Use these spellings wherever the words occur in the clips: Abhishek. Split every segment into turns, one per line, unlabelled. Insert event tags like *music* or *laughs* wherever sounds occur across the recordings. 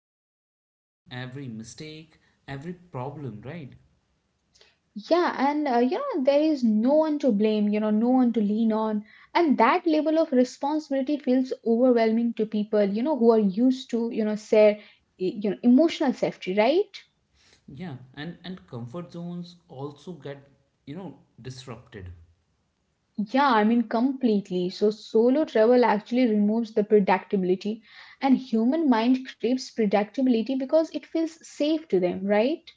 every decision, every mistake, every problem, right?
Yeah, and there is no one to blame, no one to lean on. And that level of responsibility feels overwhelming to people, who are used to, share, emotional safety, right?
Yeah, and comfort zones also get, you know, disrupted.
Yeah, I mean, completely. So solo travel actually removes the predictability, and human mind craves predictability because it feels safe to them, right?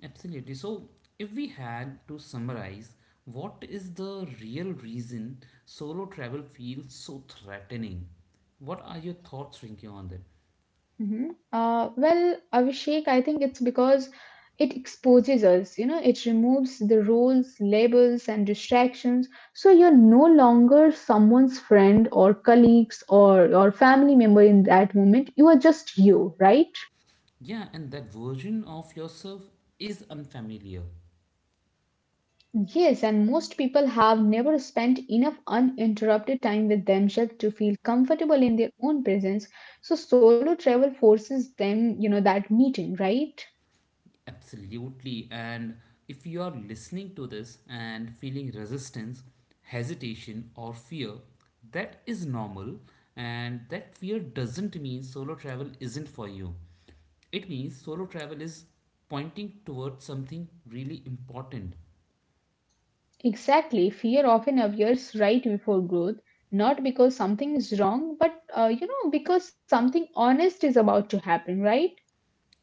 Absolutely. So, if we had to summarize, what is the real reason solo travel feels so threatening? What are your thoughts, Rinky, on that?
Mm-hmm. Well, Abhishek, I think it's because it exposes us, it removes the rules, labels, and distractions. So you're no longer someone's friend or colleagues or your family member in that moment. You are just you, right?
Yeah, and that version of yourself is unfamiliar.
Yes, and most people have never spent enough uninterrupted time with themselves to feel comfortable in their own presence. So solo travel forces them, that meeting, right?
Absolutely. And if you are listening to this and feeling resistance, hesitation, or fear, that is normal. And that fear doesn't mean solo travel isn't for you. It means solo travel is pointing towards something really important.
Exactly. Fear often appears right before growth, not because something is wrong, but because something honest is about to happen, right?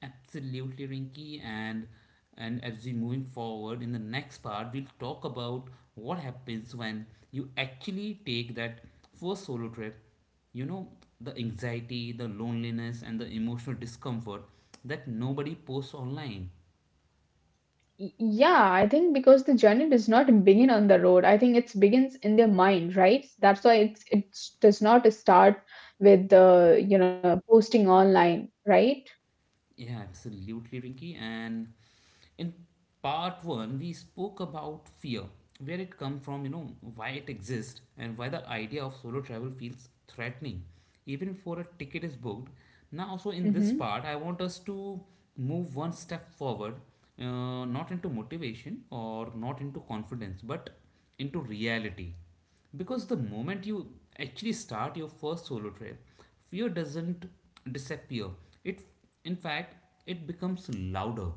Absolutely, Rinky, and as we moving forward in the next part, we'll talk about what happens when you actually take that first solo trip. You know, the anxiety, the loneliness, and the emotional discomfort that nobody posts online.
Yeah, I think because the journey does not begin on the road. I think it begins in their mind, right? That's why it does not start with the, posting online, right?
Yeah, absolutely, Rinky, and in part one we spoke about fear, where it comes from, why it exists, and why the idea of solo travel feels threatening even before a ticket is booked. Now, so in this
Mm-hmm.
part I want us to move one step forward, not into motivation or not into confidence, but into reality, because the moment you actually start your first solo trip, fear doesn't disappear. It, in fact, it becomes louder.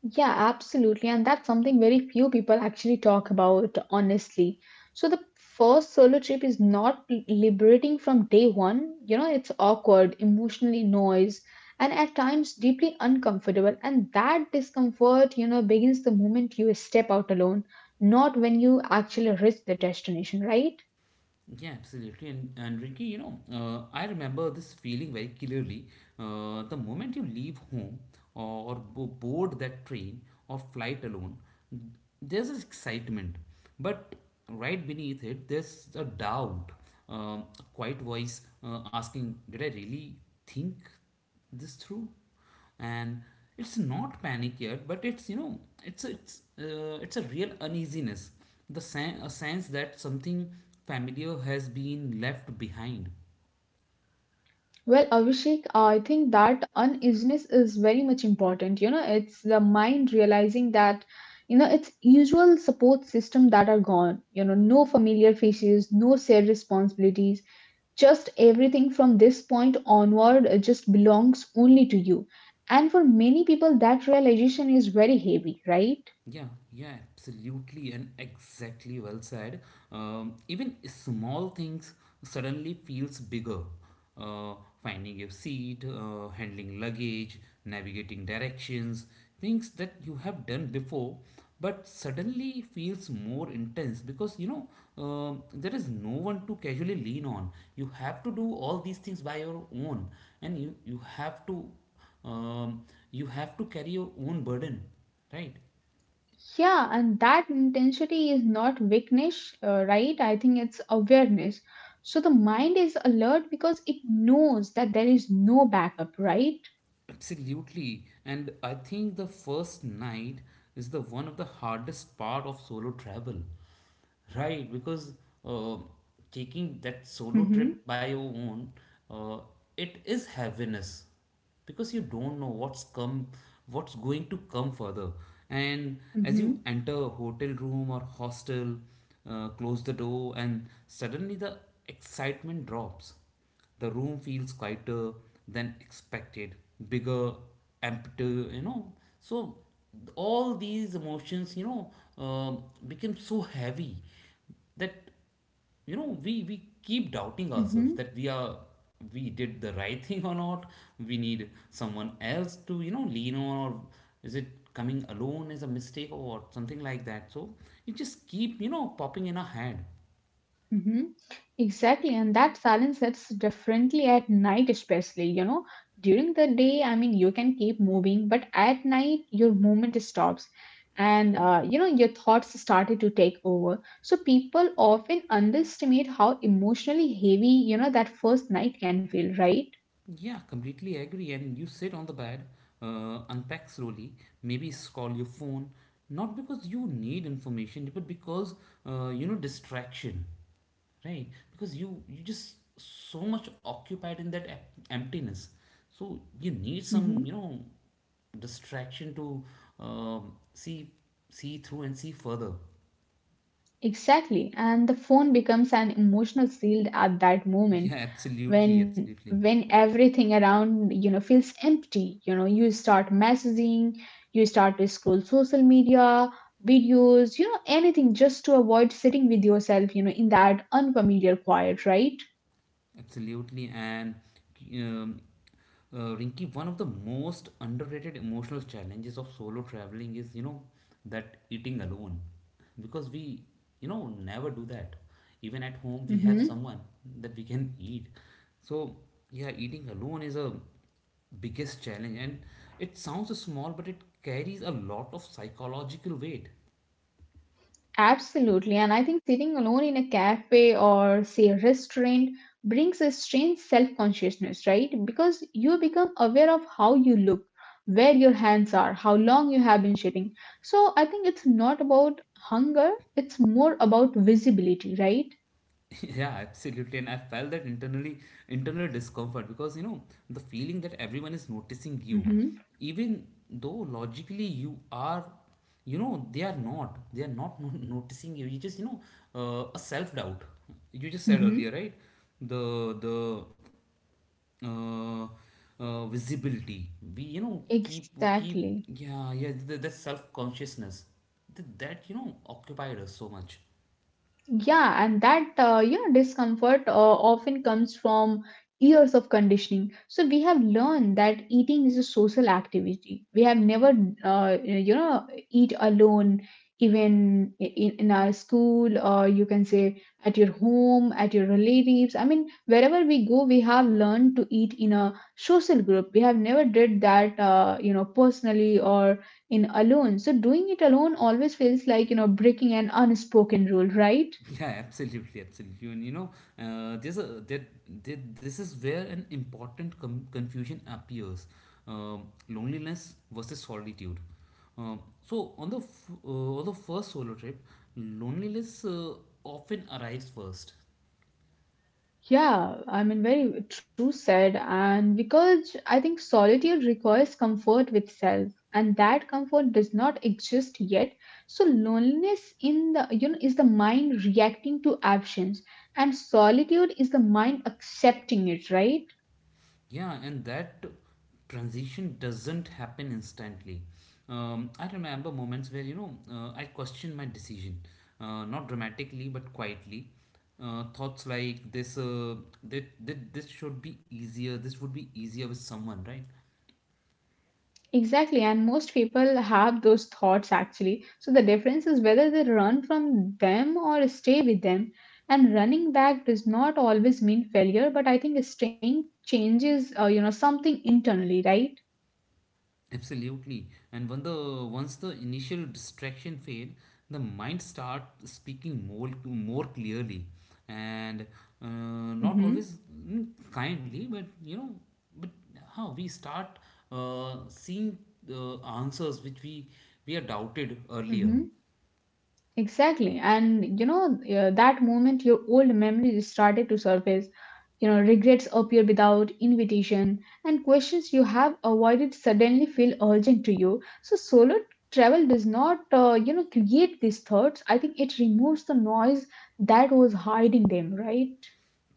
Yeah, absolutely. And that's something very few people actually talk about, honestly. So, the first solo trip is not liberating from day one. It's awkward, emotionally noise, and at times deeply uncomfortable. And that discomfort, begins the moment you step out alone, not when you actually reach the destination, right?
Yeah, absolutely. And Ricky, I remember this feeling very clearly. The moment you leave home or board that train or flight alone, there's this excitement. But right beneath it, there's a doubt, a quiet voice asking, did I really think this through? And it's not panic yet, but it's you know it's a real uneasiness, a sense that something familiar has been left behind.
Well, Abhishek, I think that uneasiness is very much important. It's the mind realizing that, its usual support system that are gone. No familiar faces, no shared responsibilities, just everything from this point onward just belongs only to you. And for many people, that realization is very heavy, right?
Yeah, yeah, absolutely, and exactly well said. Even small things suddenly feels bigger. Uh, Finding your seat, handling luggage, navigating directions, things that you have done before, but suddenly feels more intense because there is no one to casually lean on. You have to do all these things by your own, and um, you have to carry your own burden, right?
Yeah, and that intensity is not weakness, right? I think it's awareness. So the mind is alert because it knows that there is no backup, right?
Absolutely. And I think the first night is the one of the hardest part of solo travel. Right, because uh, taking that solo
Mm-hmm,
trip by your own, uh, it is heaviness because you don't know what's come, what's going to come further. And as you
mm-hmm,
enter a hotel room or hostel, close the door, and suddenly the excitement drops. The room feels quieter than expected, bigger, emptier. So all these emotions, become so heavy that we keep doubting ourselves
mm-hmm,
that we did the right *laughs* thing or not. We need someone else to lean on, or is it coming alone is a mistake or what, something like that, so it just keep popping in our head.
mm-hmm. Exactly, and that silence hits differently at night, especially. During the day, I mean, you can keep moving, but at night, your movement stops, and your thoughts started to take over. So people often underestimate how emotionally heavy, that first night can feel, right?
Yeah, completely agree. And you sit on the bed, unpack slowly, maybe scroll your phone, not because you need information, but because, distraction, right? Because you just so much occupied in that emptiness, so you need
hmm
some distraction to um see see through and see further.
Exactly, and the phone becomes an emotional shield at that moment.
Yeah, absolutely,
when
absolutely.
when everything around feels empty, you start messaging, you start to scroll social media videos, anything just to avoid sitting with yourself in that unfamiliar quiet, right?
Absolutely, and um, Rinky, one of the most underrated emotional challenges of solo traveling is, that eating alone, because we never do that. Even at home, we have
hmm
someone that we can eat. So yeah, eating alone is a biggest challenge, and it sounds small, but it carries a lot of psychological weight.
Absolutely. And I think sitting alone in a cafe or, say, a restaurant brings a strange self consciousness, right? Because you become aware of how you look, where your hands are, how long you have been sitting. So I think it's not about hunger, it's more about visibility, right?
*laughs* Yeah, absolutely, and I felt that internal discomfort because the feeling that everyone is noticing you,
Mm-hmm.
even though logically, you are you know they are not *laughs* noticing you. You just, a self doubt you just said earlier,
Mm-hmm.
right? The the uh, visibility, we keep,
Exactly.
yeah, yeah, the self consciousness that occupied us so much.
Yeah, and that discomfort often comes from years of conditioning. So we have learned that eating is a social activity. We have never eat alone, even in our school or you can say at your home, at your relatives. I mean, wherever we go, we have learned to eat in a social group. We have never did that personally or in alone. So doing it alone always feels like breaking an unspoken rule, right?
*laughs* Yeah, absolutely, absolutely. And there's a that there, this is where an important confusion appears: loneliness versus solitude. Um, so on the first solo trip, loneliness often arrives first.
Yeah, I mean, very true said. And because I think solitude requires comfort with self, and that comfort does not exist yet. So loneliness in the is the mind reacting to absence, and solitude is the mind accepting it, right?
Yeah, and that transition doesn't happen instantly. I remember moments where, I questioned my decision, not dramatically, but quietly. Thoughts like this, that this should be easier, this would be easier with someone, right?
Exactly, and most people have those thoughts actually. So the difference is whether they run from them or stay with them. And running back does not always mean failure, but I think staying changes, something internally, right?
Absolutely. And when the once the initial distraction fade, the mind start speaking more clearly, and not
Mm-hmm.
always, kindly, but but how we start seeing answers which we are doubted earlier.
Mm-hmm. Exactly. And that moment your old memories started to surface. Regrets appear without invitation, and questions you have avoided suddenly feel urgent to you. So, solo travel does not, create these thoughts. I think it removes the noise that was hiding them, right?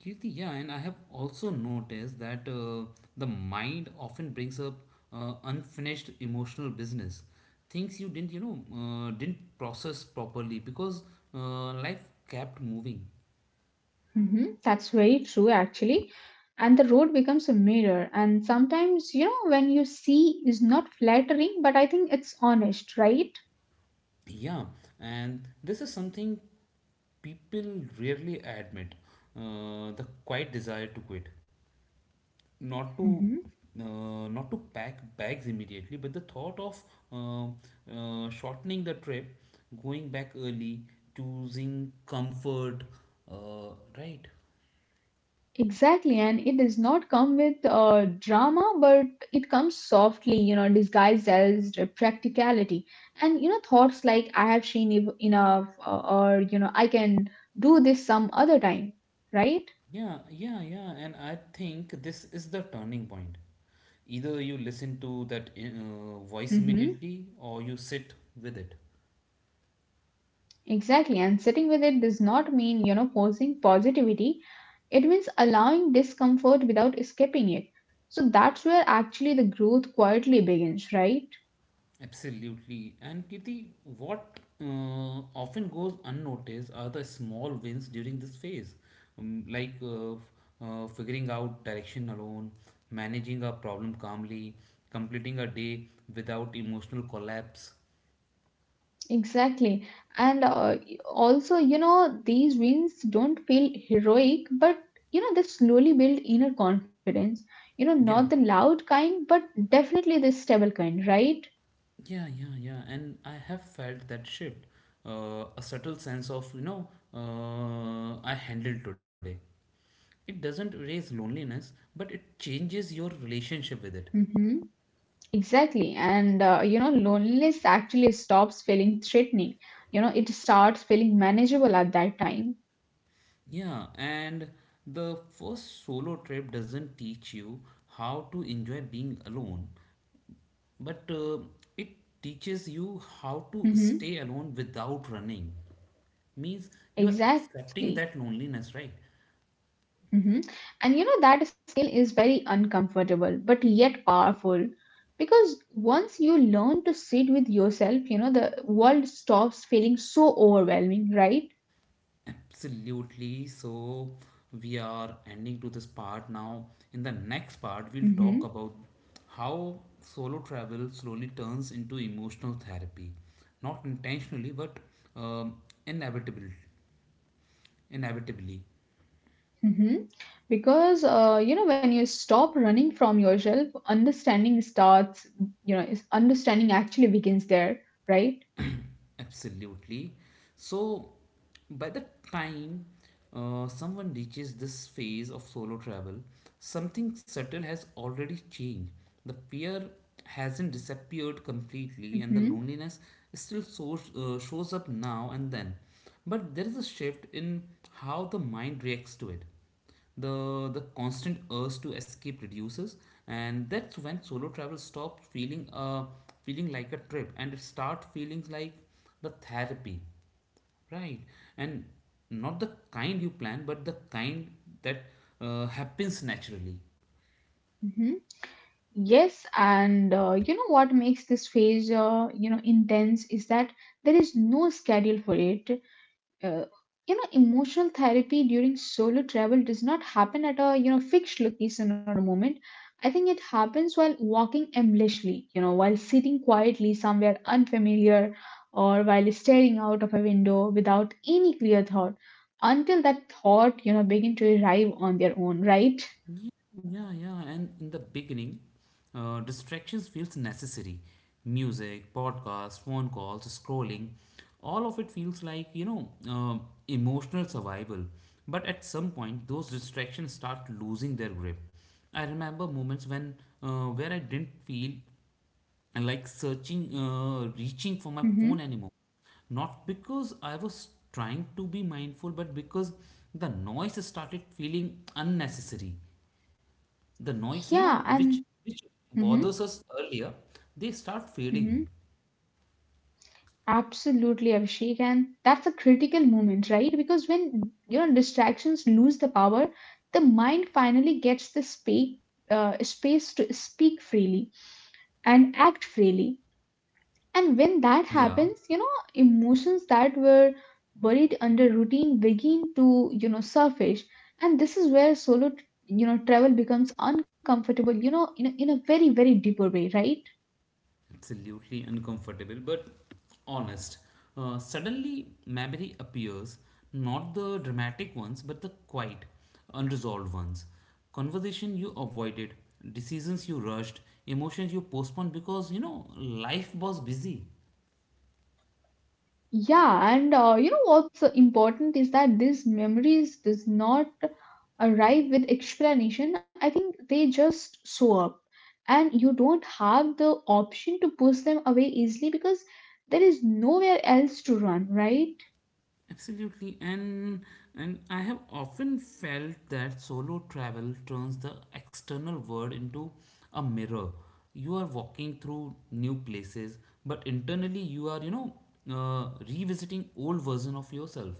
Kirti, yeah, and I have also noticed that the mind often brings up unfinished emotional business, things you didn't, you know, didn't process properly because life kept moving.
That's very true, actually. And the road becomes a mirror. And sometimes, when you see is not flattering, but I think it's honest, right?
Yeah, and this is something people rarely admit, the quiet desire to quit. not to
Mhm.
not to pack bags immediately, but the thought of uh, shortening the trip, going back early, choosing comfort, right?
Exactly, and it does not come with drama, but it comes softly, disguised as practicality. And, thoughts like, I have seen enough, or, I can do this some other time, right?
Yeah, yeah, yeah. And I think this is the turning point. Either you listen to that voice
Mm-hmm.
immediately, or you sit with it.
Exactly, and sitting with it does not mean, forcing positivity. It means allowing discomfort without escaping it. So that's where actually the growth quietly begins, right?
Absolutely. And Kirti, what often goes unnoticed are the small wins during this phase, like figuring out direction alone, managing a problem calmly, completing a day without emotional collapse.
Exactly. And also, these wins don't feel heroic, but they slowly build inner confidence. Not the
Yeah,
loud kind, but definitely the stable kind, right?
yeah, yeah, yeah. And I have felt that shift, a subtle sense of, I handled today. It doesn't erase loneliness, but it changes your relationship with it.
Mm-hmm. Exactly. And loneliness actually stops feeling threatening. It starts feeling manageable at that time.
Yeah, and the first solo trip doesn't teach you how to enjoy being alone, but it teaches you how to
Mm-hmm.
stay alone without running. Means you are accepting
Exactly.
that loneliness, right?
hmm And that scale is very uncomfortable, but yet powerful. Because once you learn to sit with yourself, the world stops feeling so overwhelming, right?
Absolutely. So we are ending to this part now. In the next part, we'll talk
Mm-hmm.
about how solo travel slowly turns into emotional therapy, not intentionally, but um, inevitably. Inevitably,
Mm-hmm. Because, when you stop running from yourself, understanding starts, understanding actually begins there, right?
absolutely. So, by the time someone reaches this phase of solo travel, something subtle has already changed. The fear hasn't disappeared completely, and the
Mm-hmm.
loneliness still shows up now and then. But there is a shift in how the mind reacts to it. the the constant urge to escape reduces, and that's when solo travel stops feeling like a trip and it start feeling like the therapy, right? And not the kind you plan, but the kind that happens naturally.
Mm-hmm. Yes. And what makes this phase, intense is that there is no schedule for it. uh, emotional therapy during solo travel does not happen at a fixed location or a moment. I think it happens while walking aimlessly, while sitting quietly somewhere unfamiliar, or while staring out of a window without any clear thought, until that thought begin to arrive on their own, right?
Yeah, yeah, and in the beginning, distractions feels necessary. Music, podcasts, phone calls, scrolling, all of it feels like, emotional survival. But at some point, those distractions start losing their grip. I remember moments when where I didn't feel like reaching for my
Mm-hmm.
phone anymore, not because I was trying to be mindful, but because the noise started feeling unnecessary. The noise,
Yeah, and
which
mm-hmm,
bothers us earlier, they start fading.
mm-hmm. Absolutely, Abhishek. And that's a critical moment, right? Because when distractions lose the power, the mind finally gets the space to speak freely and act freely. And when that
Yeah,
happens, emotions that were buried under routine begin to, surface. And this is where solo, travel becomes uncomfortable, in a very, very deeper way, right?
absolutely uncomfortable but honest. Suddenly memory appears, not the dramatic ones but the quiet unresolved ones. Conversation you avoided, decisions you rushed, emotions you postponed because life was busy.
Yeah, and what's important is that these memories does not arrive with explanation. I think they just show up, and you don't have the option to push them away easily because there is nowhere else to run, right?
Absolutely, and I have often felt that solo travel turns the external world into a mirror. You are walking through new places, but internally you are, revisiting old version of yourself.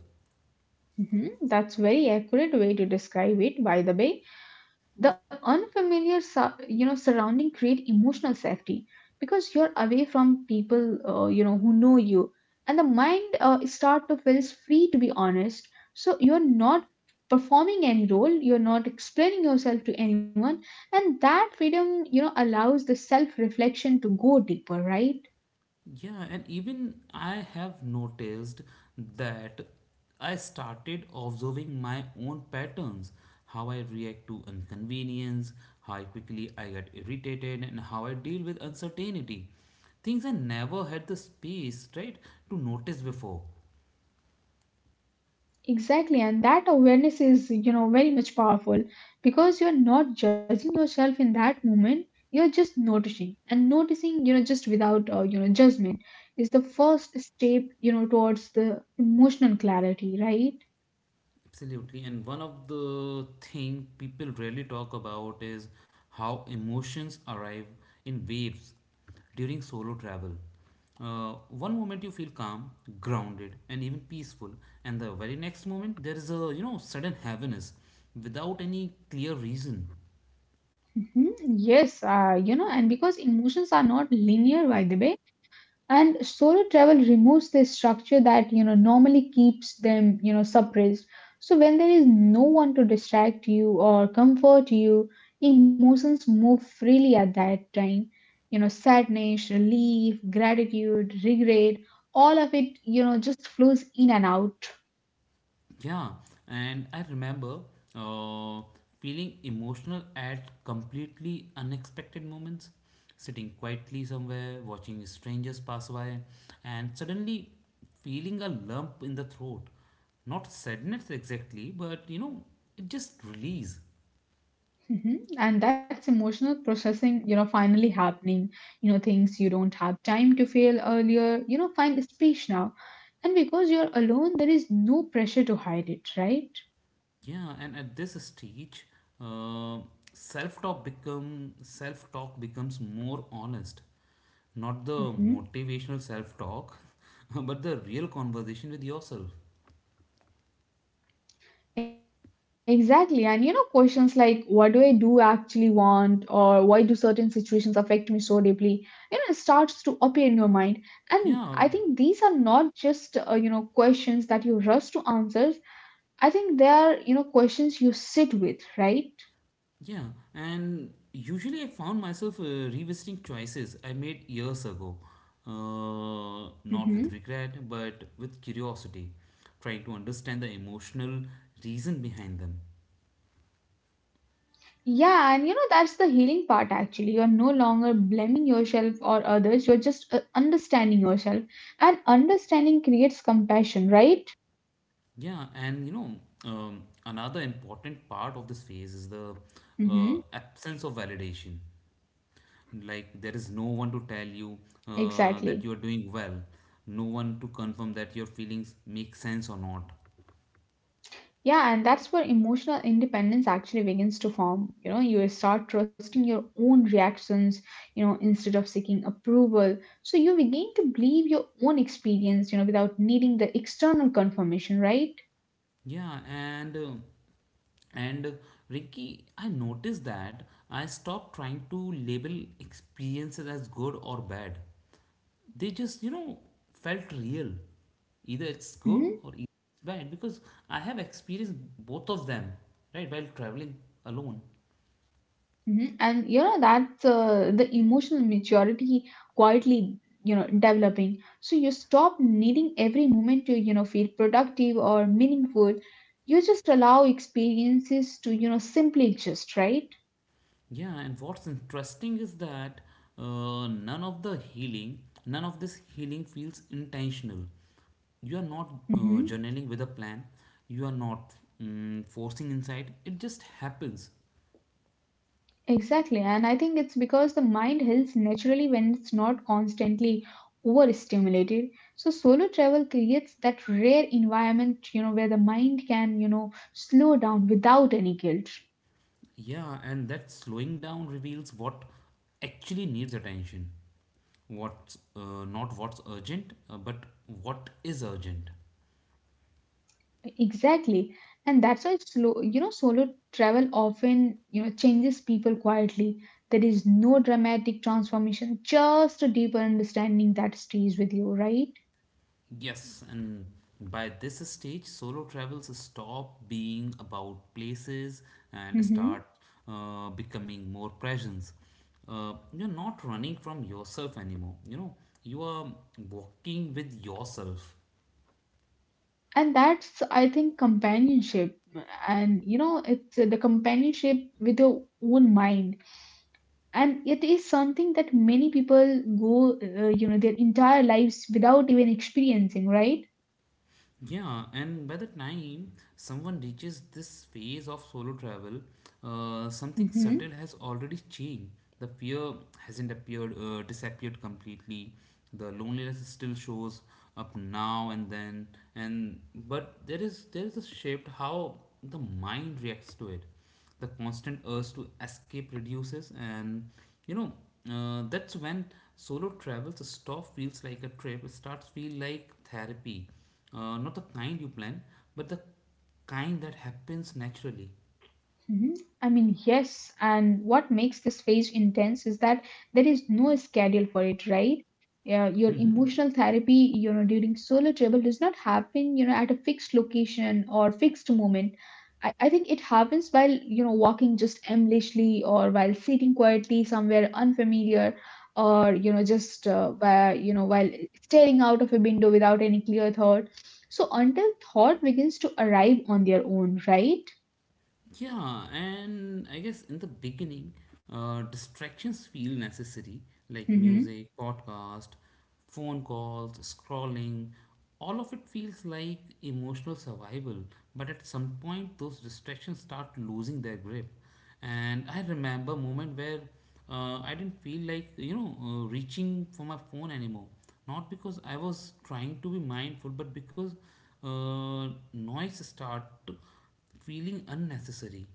That's very accurate way to describe it, by the way. The unfamiliar surrounding create emotional safety because you're away from people who know you, and the mind start to feels free to be honest. So you're not performing any role, you're not explaining yourself to anyone, and that freedom allows the self reflection to go deeper, right?
Yeah, and even I have noticed that I started observing my own patterns, how I react to inconvenience, how quickly I get irritated, and how I deal with uncertainty. Things I never had the space, right, to notice before.
Exactly, and that awareness is, very much powerful because you're not judging yourself in that moment. You're just noticing, and noticing, just without, judgment is the first step, towards the emotional clarity, right?
Absolutely. And one of the thing people rarely talk about is how emotions arrive in waves during solo travel. One moment you feel calm, grounded, and even peaceful, and the very next moment there is a, sudden heaviness without any clear reason.
Mhm. Yes, and because emotions are not linear, by the way, and solo travel removes the structure that normally keeps them suppressed. So when there is no one to distract you or comfort you, emotions move freely at that time. Sadness, relief, gratitude, regret, all of it just flows in and out.
Yeah, and I remember uh, feeling emotional at completely unexpected moments, sitting quietly somewhere, watching strangers pass by, and suddenly feeling a lump in the throat. Not sadness exactly, but, you know, it just release.
Mhm. And that's emotional processing, finally happening. Things you don't have time to feel earlier, find speech now. And because you're alone, there is no pressure to hide it, right?
Yeah, and at this stage, uh, self-talk becomes more honest. Not the motivational
Mhm.
self talk, *laughs* but the real conversation with yourself.
Exactly. And, questions like, what do I do actually want? Or why do certain situations affect me so deeply? It starts to appear in your mind. And I
Yeah,
think these are not just, questions that you rush to answers. I think they are, questions you sit with, right?
yeah. And usually I found myself revisiting choices I made years ago. Not with
Mhm.
regret, but with curiosity, trying to understand the emotional reason behind them.
Yeah, and that's the healing part actually. You're no longer blaming yourself or others, you're just understanding yourself. And understanding creates compassion, right?
Yeah, and, another important part of this phase is the
Mm-hmm.
absence of validation. Like, there is no one to tell you that
Exactly.
you are doing well, no one to confirm that your feelings make sense or not.
Yeah, and that's where emotional independence actually begins to form. You start trusting your own reactions, instead of seeking approval. So you begin to believe your own experience, without needing the external confirmation, right?
Yeah, and and uh, Ricky, I noticed that I stopped trying to label experiences as good or bad. They just, felt real. Either it's good or
Mhm.
it's bad because I have experienced both of them, right, while traveling alone.
Mhm. And that's the emotional maturity quietly developing. So you stop needing every moment to feel productive or meaningful. You just allow experiences to simply exist, right?
Yeah, and what's interesting is that none of the healing, none of this healing feels intentional. You are not
hmm
journaling with a plan, you are not forcing insight, it just happens.
Exactly, and I think it's because the mind heals naturally when it's not constantly overstimulated. So solo travel creates that rare environment, you know, where the mind can you know slow down without any guilt.
Yeah, and that slowing down reveals what actually needs attention. What's not what's urgent, But what is urgent.
Exactly. And that's why slow, you know, solo travel often, you know, changes people quietly. There is no dramatic transformation, just a deeper understanding that stays with you, right?
Yes, and by this stage, solo travels stop being about places and
Hmm.
start becoming more presence. You're not running from yourself anymore. You know, you are walking with yourself.
And that's, I think, companionship. And, you know, it's the companionship with your own mind. And it is something that many people go, you know, their entire lives without even experiencing, right?
Yeah, and by the time someone reaches this phase of solo travel, something subtle
Hmm.
has already changed. The fear hasn't disappeared completely. The loneliness still shows up now and then, and but there is a shift how the mind reacts to it. The constant urge to escape reduces, and you know that's when solo travels a stop feels like a trip, it starts feel like therapy, not the kind you plan but the kind that happens naturally.
Mhm. I mean, yes, and what makes this phase intense is that there is no schedule for it, right? Yeah, your
Hmm
emotional therapy, you know, during solo travel does not happen, you know, at a fixed location or fixed moment. I think it happens while, you know, walking just aimlessly or while sitting quietly somewhere unfamiliar or, you know, just, by, you know, while staring out of a window without any clear thought. So until thought begins to arrive on their own, right?
Yeah, and I guess in the beginning, distractions feel necessary, like
Mm-hmm.
music, podcast, phone calls, scrolling. All of it feels like emotional survival, but at some point, those distractions start losing their grip. And I remember a moment where I didn't feel like, reaching for my phone anymore. Not because I was trying to be mindful, but because noise started feeling unnecessary.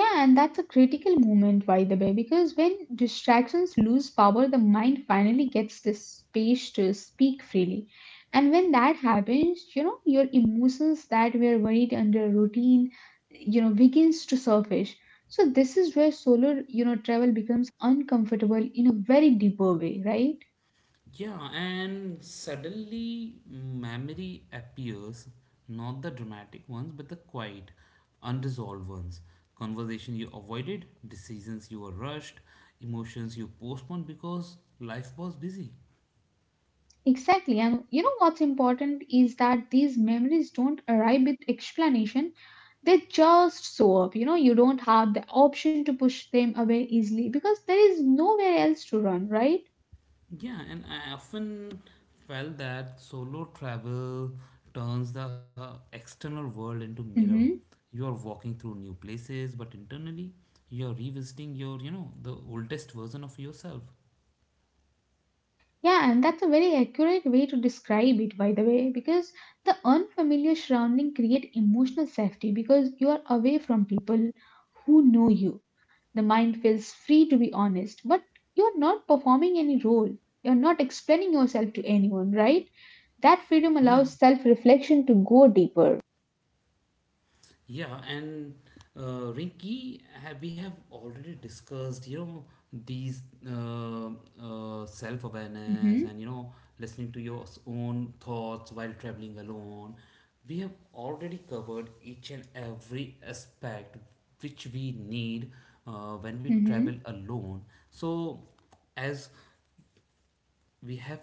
Yeah, and that's a critical moment, by the way, because when distractions lose power, the mind finally gets the space to speak freely. And when that happens, you know, your emotions that were buried under routine, you know, begins to surface. So this is where solar, you know, travel becomes uncomfortable in a very deeper way, right?
Yeah, and suddenly memory appears, not the dramatic ones, but the quiet, unresolved ones. Conversation you avoided, decisions you were rushed, emotions you postponed because life was busy.
Exactly. And you know what's important is that these memories don't arrive with explanation. They just show up. You know, you don't have the option to push them away easily because there is nowhere else to run, right?
Yeah, and I often felt that solo travel turns the external world into mirror.
Mm-hmm.
You are walking through new places, but internally you are revisiting your, you know, the oldest version of yourself.
Yeah, and that's a very accurate way to describe it, by the way, because the unfamiliar surrounding create emotional safety because you are away from people who know you. The mind feels free to be honest, but you are not performing any role. You are not explaining yourself to anyone, right? That freedom
Yeah.
allows self-reflection to go deeper.
Yeah, and Rinky, we have already discussed, you know, these self-awareness and, you
Mm-hmm,
know, listening to your own thoughts while traveling alone. We have already covered each and every aspect which we need when we travel
mm-hmm,
alone. So, as we have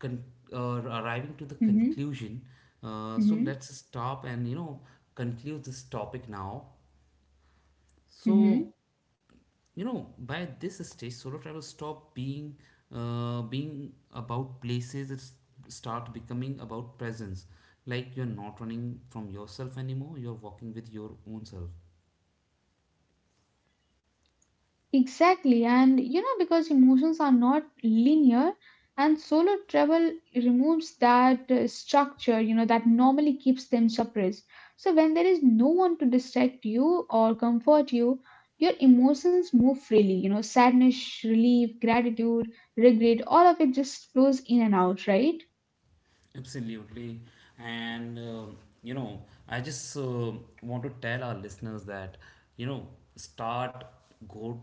con- arriving to the
mm-hmm,
conclusion. So
mm-hmm,
let's stop and you know conclude this topic now.
mm-hmm.
So you know by this stage, solo travel stop being being about places. It's start becoming about presence. Like you're not running from yourself anymore. You're walking with your own self.
Exactly, and you know, because emotions are not linear, and solo travel removes that structure, you know, that normally keeps them suppressed. So, when there is no one to distract you or comfort you, your emotions move freely, you know, sadness, relief, gratitude, regret, all of it just flows in and out, right?
Absolutely. And, you know, I just want to tell our listeners that, you know, start, go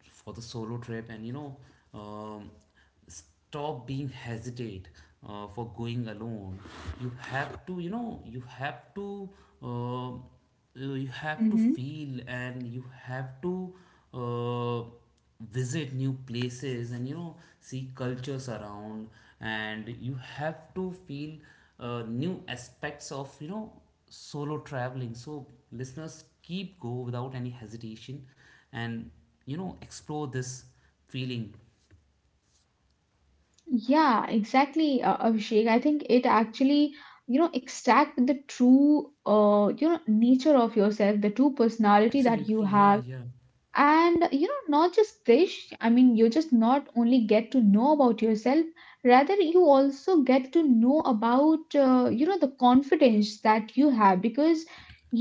for the solo trip and, you know, um, stop being hesitate for going alone. You have to, you know, um, uh, you have to
Mm-hmm.
feel and you have to, uh, visit new places and you know see cultures around, and you have to feel new aspects of you know solo traveling. So listeners, keep go without any hesitation and you know explore this feeling.
Yeah, exactly, Abhishek. I think it actually, you know, extract the true, you know, nature of yourself, the true personality that you
Absolutely, yeah,
have.
yeah.
And you know not just this, I mean you just not only get to know about yourself, rather you also get to know about you know the confidence that you have because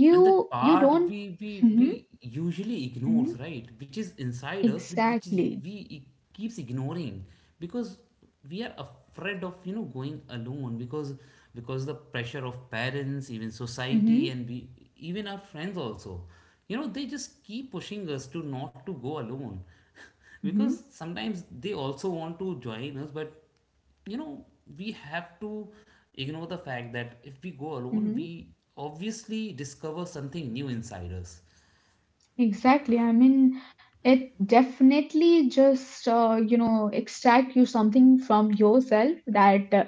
you
And that
you
part
don't
we we
*laughs* Mhm,
we usually
mhm,
ignores, right, which is inside us but which is
exactly.
we keeps ignoring because we are afraid of you know going alone, because the pressure of parents, even society,
Hmm.
and we even our friends also you know they just keep pushing us to not to go alone, *laughs*
Hmm.
because sometimes they also want to join us but you know we have to ignore the fact that if we go alone we obviously discover something new inside us.
Exactly. I mean, it definitely just, you know, extract you something from yourself that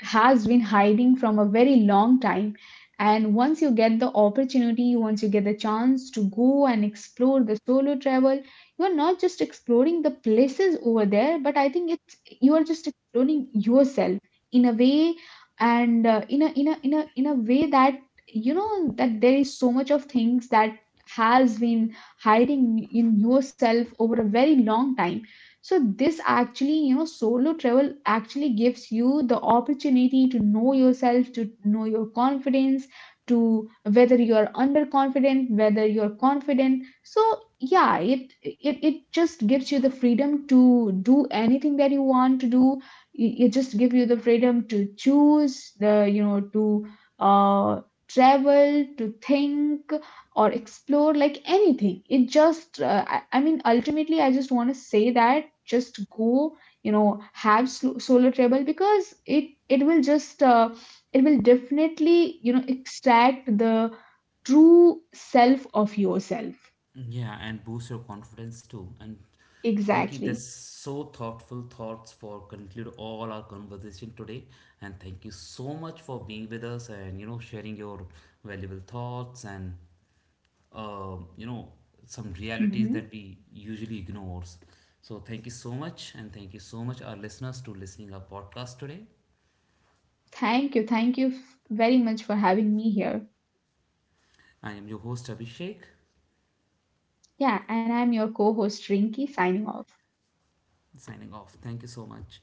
has been hiding from a very long time. And once you get the opportunity, once you get the chance to go and explore the solo travel, you are not just exploring the places over there, but I think it's you are just exploring yourself in a way, and in a in a in a in a way that you know that there is so much of things that has been hiding in yourself over a very long time. So this actually you know solo travel actually gives you the opportunity to know yourself, to know your confidence, to whether you're underconfident, whether you're confident. So yeah, it just gives you the freedom to do anything that you want to do. It just gives you the freedom to choose the you know to uh travel, to think or explore like anything. It just I mean ultimately I just want to say that just go, you know, have solo travel because it will just it will definitely you know extract the true self of yourself.
Yeah, and boost your confidence too. And Rinky,
Exactly.
that's so thoughtful thoughts for conclude all our conversation today, and thank you so much for being with us and you know sharing your valuable thoughts and you know some realities that
Hmm.
we usually ignore. So thank you so much, and thank you so much our listeners to listening our podcast today.
Thank you, thank you very much for having me here.
I am your host Abhishek,
Yeah, and I'm your co-host Rinky, signing off.
signing off. Thank you so much.